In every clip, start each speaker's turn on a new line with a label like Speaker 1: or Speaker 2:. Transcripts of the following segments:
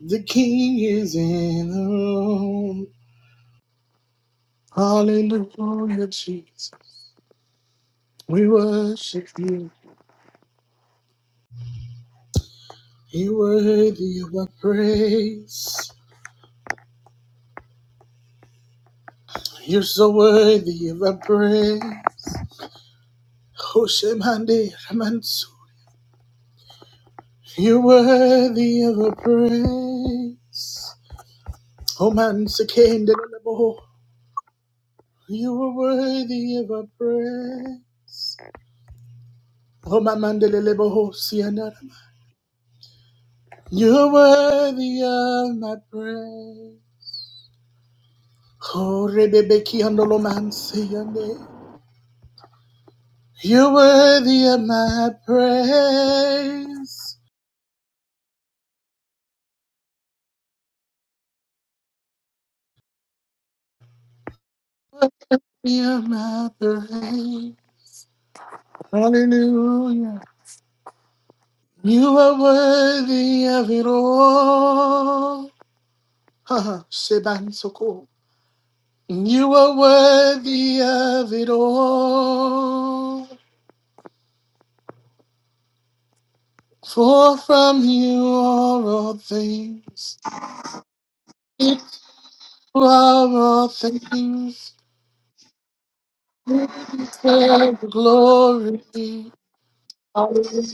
Speaker 1: The King is in the room. Hallelujah, Jesus. We worship you. You're worthy of our praise. You're so worthy of our praise. Hoshemande Ramansu. You're worthy of our praise. Omansakende Lelebo. You are worthy of our praise. Omamande Lelebo Sianara. You're worthy of my praise. Korebebekiandolomansiande. You're worthy of my praise. Worthy of my praise. Hallelujah. You are worthy of it all. Haha, Seban Soko. You are worthy of it all. For from you are all things. It are all things. deserve the glory. Hallelujah.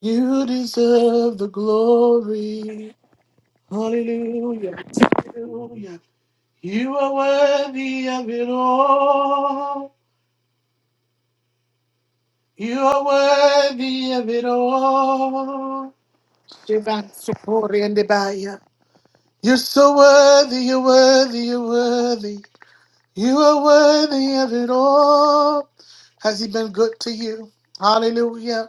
Speaker 1: You deserve the glory. Hallelujah. Hallelujah. You are worthy of it all. You are worthy of it all. Shivan Sukori and Debaya. You're so worthy, you're worthy, you're worthy. You are worthy of it all. Has he been good to you? Hallelujah.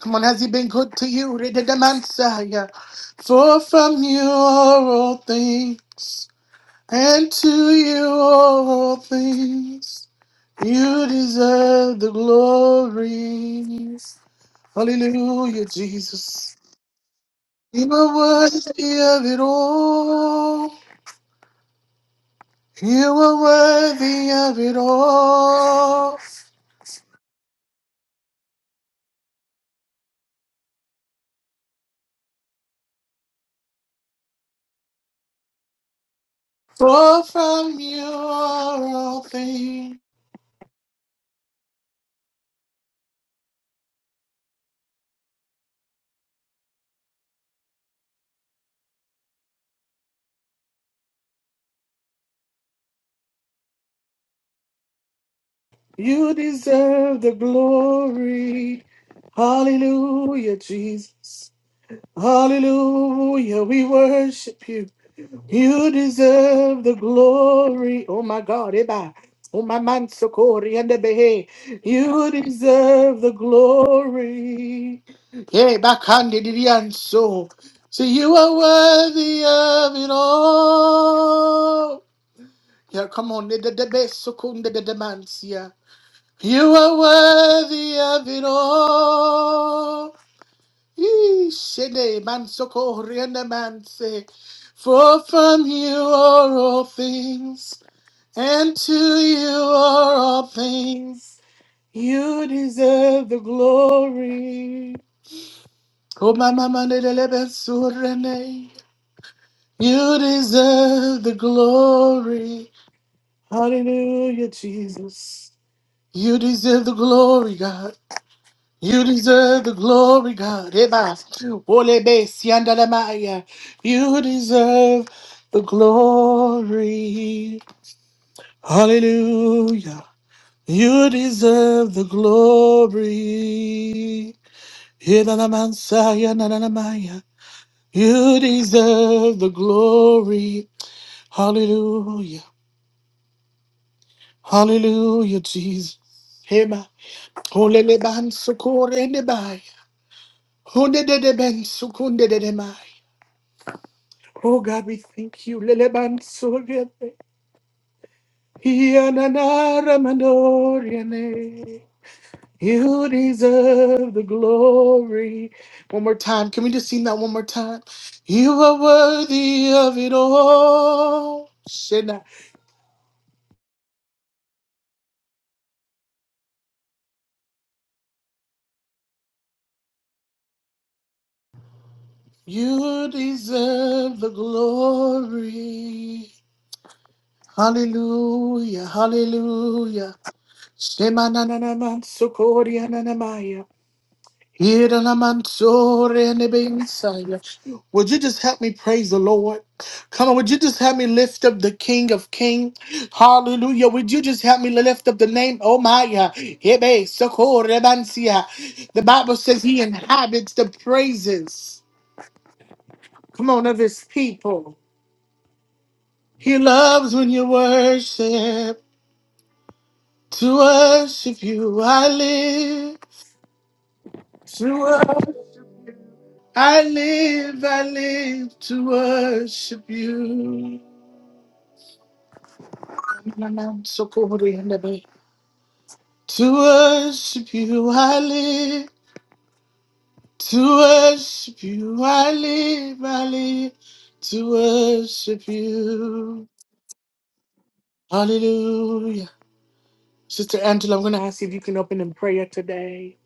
Speaker 1: Come on, has he been good to you? Messiah. For from you are all things, and to you are all things. You deserve the glory. Hallelujah, Jesus. You are worthy of it all. You are worthy of it all. For from you are all things. You deserve the glory. Hallelujah, Jesus. Hallelujah, we worship you. You deserve the glory. Oh my God, Eba. Oh my man, Sokori and the Behe. You deserve the glory. Yeah, Bakandi Didian so. So you are worthy of it all. Yeah, come on. the- the- the best second, the- the demands, yeah. You are worthy of it all. Shede man so Ishene mansoko man say, For from you are all things, and to you are all things. You deserve the glory. Oh, my mama, the- the- the best surrene. You deserve the glory. Hallelujah, Jesus. You deserve the glory, God. You deserve the glory, God. Eba, ole be, sianda la maya. You deserve the glory. Hallelujah. You deserve the glory. Eba la mansaya na na na maya. You deserve the glory. Hallelujah. Hallelujah, Jesus. Ema, ole le ban sokore ne baya. Hunde de de Ben Hundedeben sukundedemai. Oh God, we thank you. Leleban soriane. Yananara mandoriane. You deserve the glory. One more time. Can we just sing that one more time? You are worthy of it all. Shena. You deserve the glory. Hallelujah. Hallelujah. Shema na na na man sokori Would you just help me praise the Lord? Come on, would you just help me lift up the King of Kings? Hallelujah. Would you just help me lift up the name? Oh my God. The Bible says he inhabits the praises. Come on, of his people. He loves when you worship. To worship you, I live. I live, I live to worship you. To worship you, I live. To worship you, I live, I live. To worship you. Hallelujah. Sister Angela, I'm going to ask you if you can open in prayer today.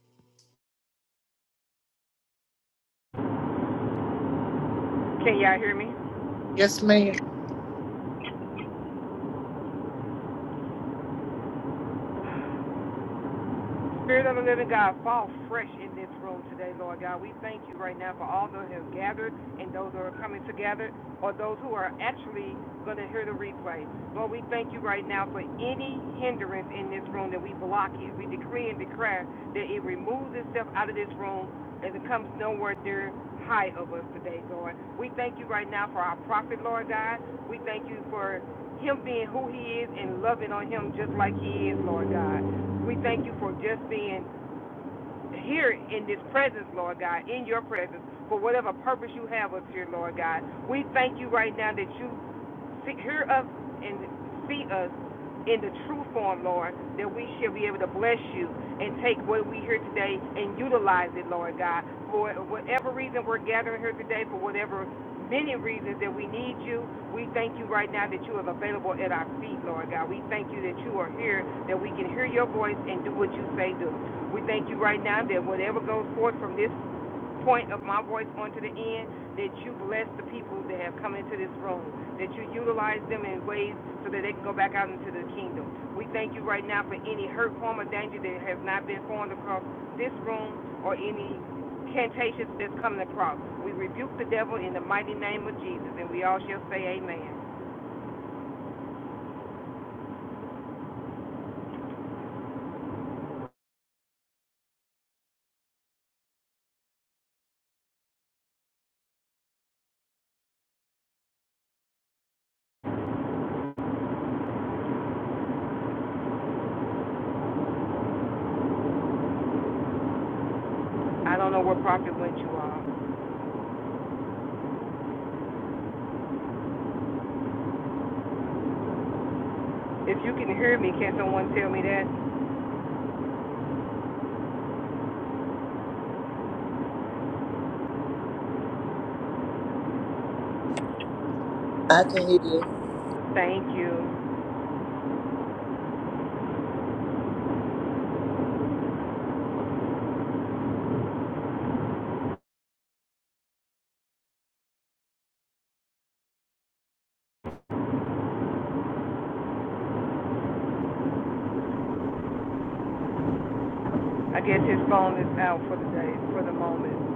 Speaker 2: Can y'all hear me?
Speaker 1: Yes, ma'am.
Speaker 2: Spirit of the living God, fall fresh in this room today, Lord God. We thank you right now for all those who have gathered and those who are coming together or those who are actually going to hear the replay. Lord, we thank you right now for any hindrance in this room that we block it. We decree and declare that it removes itself out of this room and it comes nowhere near high of us today, Lord. We thank you right now for our prophet, Lord God. We thank you for him being who he is and loving on him just like he is, Lord God. We thank you for just being here in this presence, Lord God, in your presence, for whatever purpose you have us here, Lord God. We thank you right now that you hear us and see us in the true form, Lord, that we shall be able to bless you and take what we hear today and utilize it, Lord God, for whatever reason we're gathering here today, for whatever many reasons that we need you. We thank you right now that you are available at our feet, Lord God. We thank you that you are here, that we can hear your voice and do what you say do. We thank you right now that whatever goes forth from this point of my voice onto the end, that you bless the people that have come into this room, that you utilize them in ways so that they can go back out into the kingdom. We thank you right now for any hurt, harm, or danger that has not been formed across this room or any cantations that's coming across. We rebuke the devil in the mighty name of Jesus, and we all shall say amen. I don't know what prophet went you all. If you can hear me, can someone tell me that?
Speaker 3: I can hear you.
Speaker 2: Thank you. I guess his phone is out for the day, for the moment.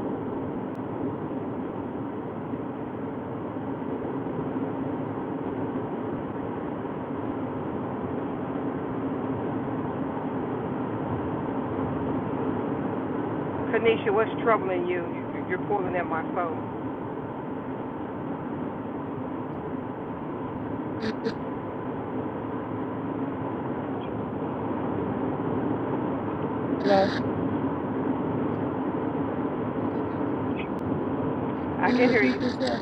Speaker 2: Kanisha, what's troubling you? You- are pulling at my phone.
Speaker 4: Hello.
Speaker 2: I
Speaker 4: Can you
Speaker 2: can hear
Speaker 4: repeat
Speaker 2: you.
Speaker 4: yourself?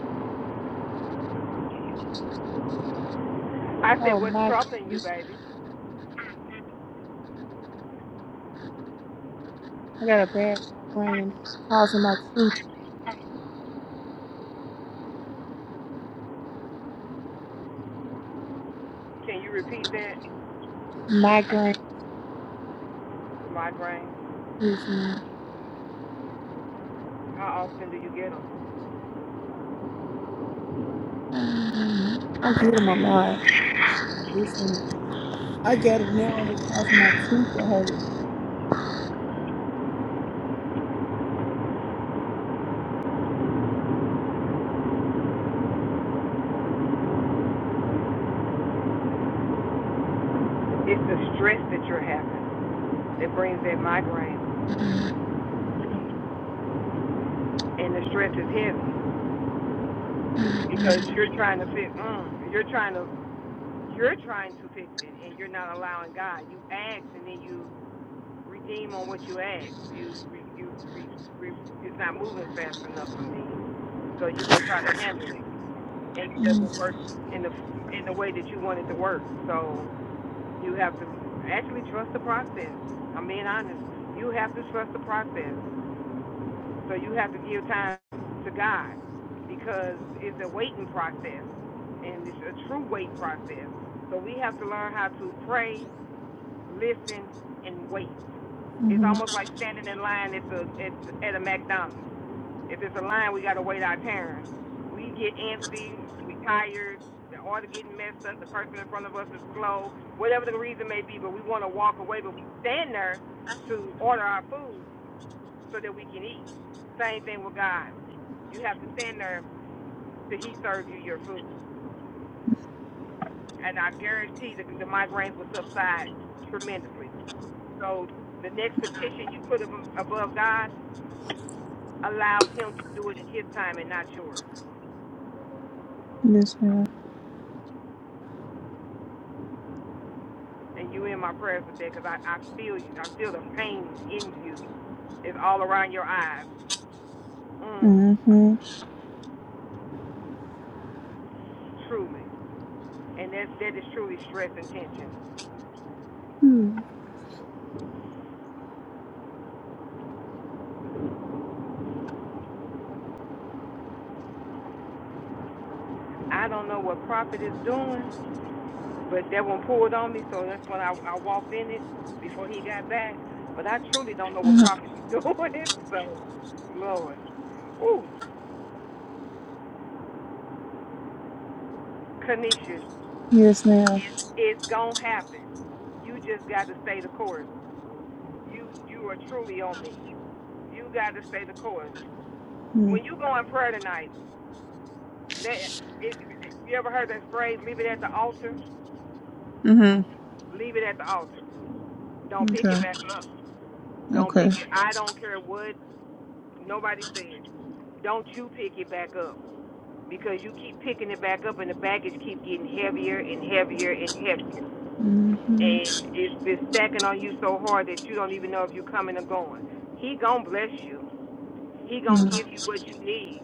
Speaker 2: I said,
Speaker 4: Oh,
Speaker 2: what's troubling you,
Speaker 4: migraine.
Speaker 2: baby?
Speaker 4: I got a bad migraine and it's causing my tooth
Speaker 2: Can you repeat that?
Speaker 4: migraine.
Speaker 2: Migraine.
Speaker 4: issues.
Speaker 2: How often do you get them?
Speaker 4: Um, I get them a lot. I get I got it now and it's causing my tooth to hurt.
Speaker 2: It's the stress that you're having that brings that migraine,
Speaker 4: Mm-hmm.
Speaker 2: and the stress is heavy. because
Speaker 4: Mm-hmm.
Speaker 2: you're trying to fix. Mm, you're trying to. You're trying to fix it, and you're not allowing God. You ask, and then you redeem on what you ask. You, you, you it's not moving fast enough for me, so you go try to handle it, and it doesn't work in the in the way that you want it to work. So you have to actually trust the process. I'm being honest. You have to trust the process. So you have to give time to God because it's a waiting process and it's a true wait process. So we have to learn how to pray, listen, and wait.
Speaker 4: Mm-hmm.
Speaker 2: It's
Speaker 4: Mm-hmm.
Speaker 2: almost like standing in line at, the, at, at a McDonald's. If it's a line, we gotta wait our turn. We get antsy, we tired, the order getting messed up, the person in front of us is slow, whatever the reason may be, but we wanna walk away, but we stand there to order our food so that we can eat. Same thing with God. You have to stand there till He serves you your food. And I guarantee that the migraines will subside tremendously. So the next petition you put above God, allow Him to do it in His time and not yours.
Speaker 4: Yes, ma'am.
Speaker 2: And you in my prayers with that because I, I feel you. I feel the pain in you. It's all around your eyes. Mm,
Speaker 4: Mm-hmm.
Speaker 2: truly. And that, that is truly stress and tension.
Speaker 4: Mm-hmm.
Speaker 2: I don't know what prophet is doing, But that one pulled on me, so that's when I, I walked in it before he got back. But I truly don't know what prophet is doing, so Lord. Ooh, Kanisha,
Speaker 4: Yes, ma'am.
Speaker 2: it, it's gonna happen. You just got to stay the course. You you are truly on me. You got to stay the course. When you go in prayer tonight, let it, it, you ever heard that phrase? Leave it at the altar.
Speaker 4: Mm-hmm.
Speaker 2: Leave it at the altar. Don't pick it
Speaker 4: Okay.
Speaker 2: back up. Don't pick
Speaker 4: Okay.
Speaker 2: it. I don't care what nobody says. Don't you pick it back up because you keep picking it back up and the baggage keeps getting heavier and heavier and heavier.
Speaker 4: Mm-hmm.
Speaker 2: And it's been stacking on you so hard that you don't even know if you're coming or going. He gonna bless you. He gonna
Speaker 4: Mm-hmm.
Speaker 2: give you what you need.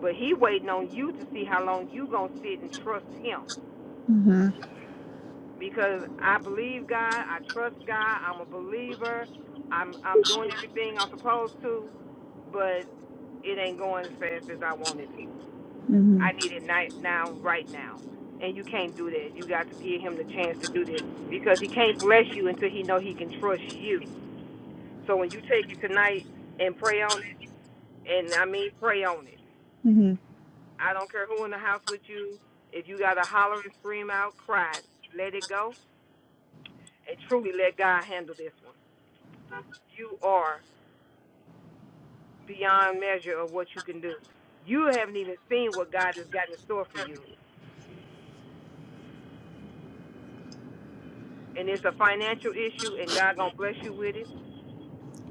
Speaker 2: But he waiting on you to see how long you gonna sit and trust him. because I believe God, I trust God, I'm a believer, I'm I'm doing everything I'm supposed to, but it ain't going as fast as I want it to.
Speaker 4: Mm-hmm.
Speaker 2: I need it night now, right now. And you can't do that. You got to give him the chance to do this because he can't bless you until he know he can trust you. So when you take it tonight and pray on it, and I mean pray on it.
Speaker 4: Mm-hmm.
Speaker 2: I don't care who in the house with you. If you got to holler and scream out, cry, let it go, and truly let God handle this one you are beyond measure of what you can do. You haven't even seen what God has got in store for you. And it's a financial issue and God gonna bless you with it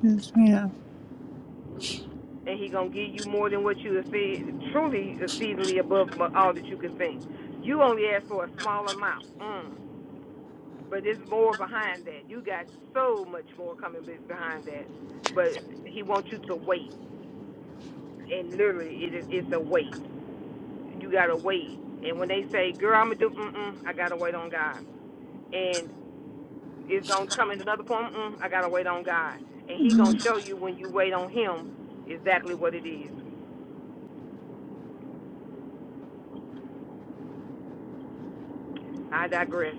Speaker 4: Yes, ma'am.
Speaker 2: and he gonna give you more than what you exceed truly exceedingly above all that you can think. You only asked for a small amount. Mm. But there's more behind that. You got so much more coming behind that. But he wants you to wait. And literally it is it's a wait. You gotta wait. And when they say, Girl, I'ma do mm mm, I gotta wait on God. and it's gonna come in another form. Mm, I gotta wait on God, and He
Speaker 4: Mm-hmm.
Speaker 2: gonna show you when you wait on Him exactly what it is. I digress.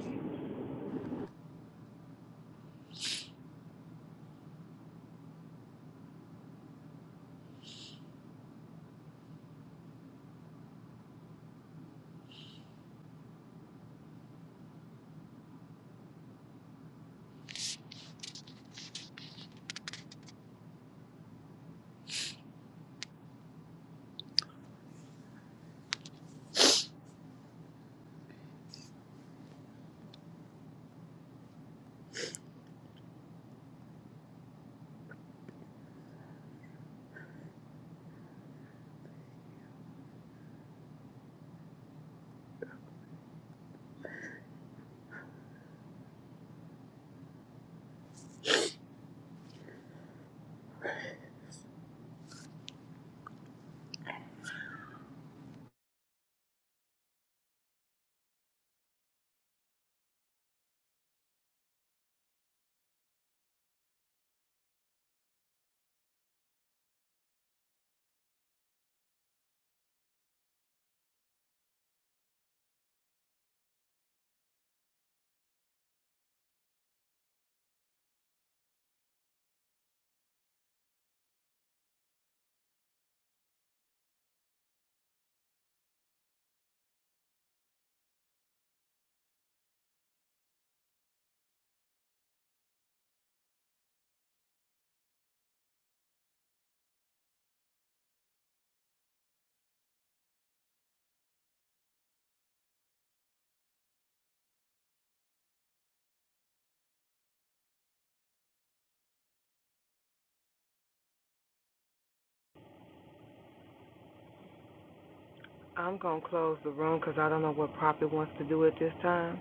Speaker 2: I'm gonna close the room 'cause I don't know what Prophet wants to do at this time,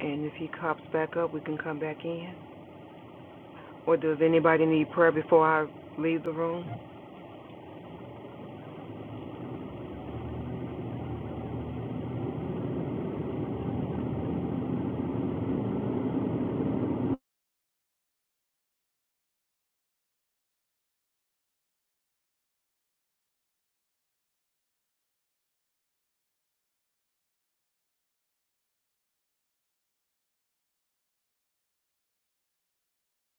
Speaker 2: and if he cops back up, we can come back in. Or does anybody need prayer before I leave the room?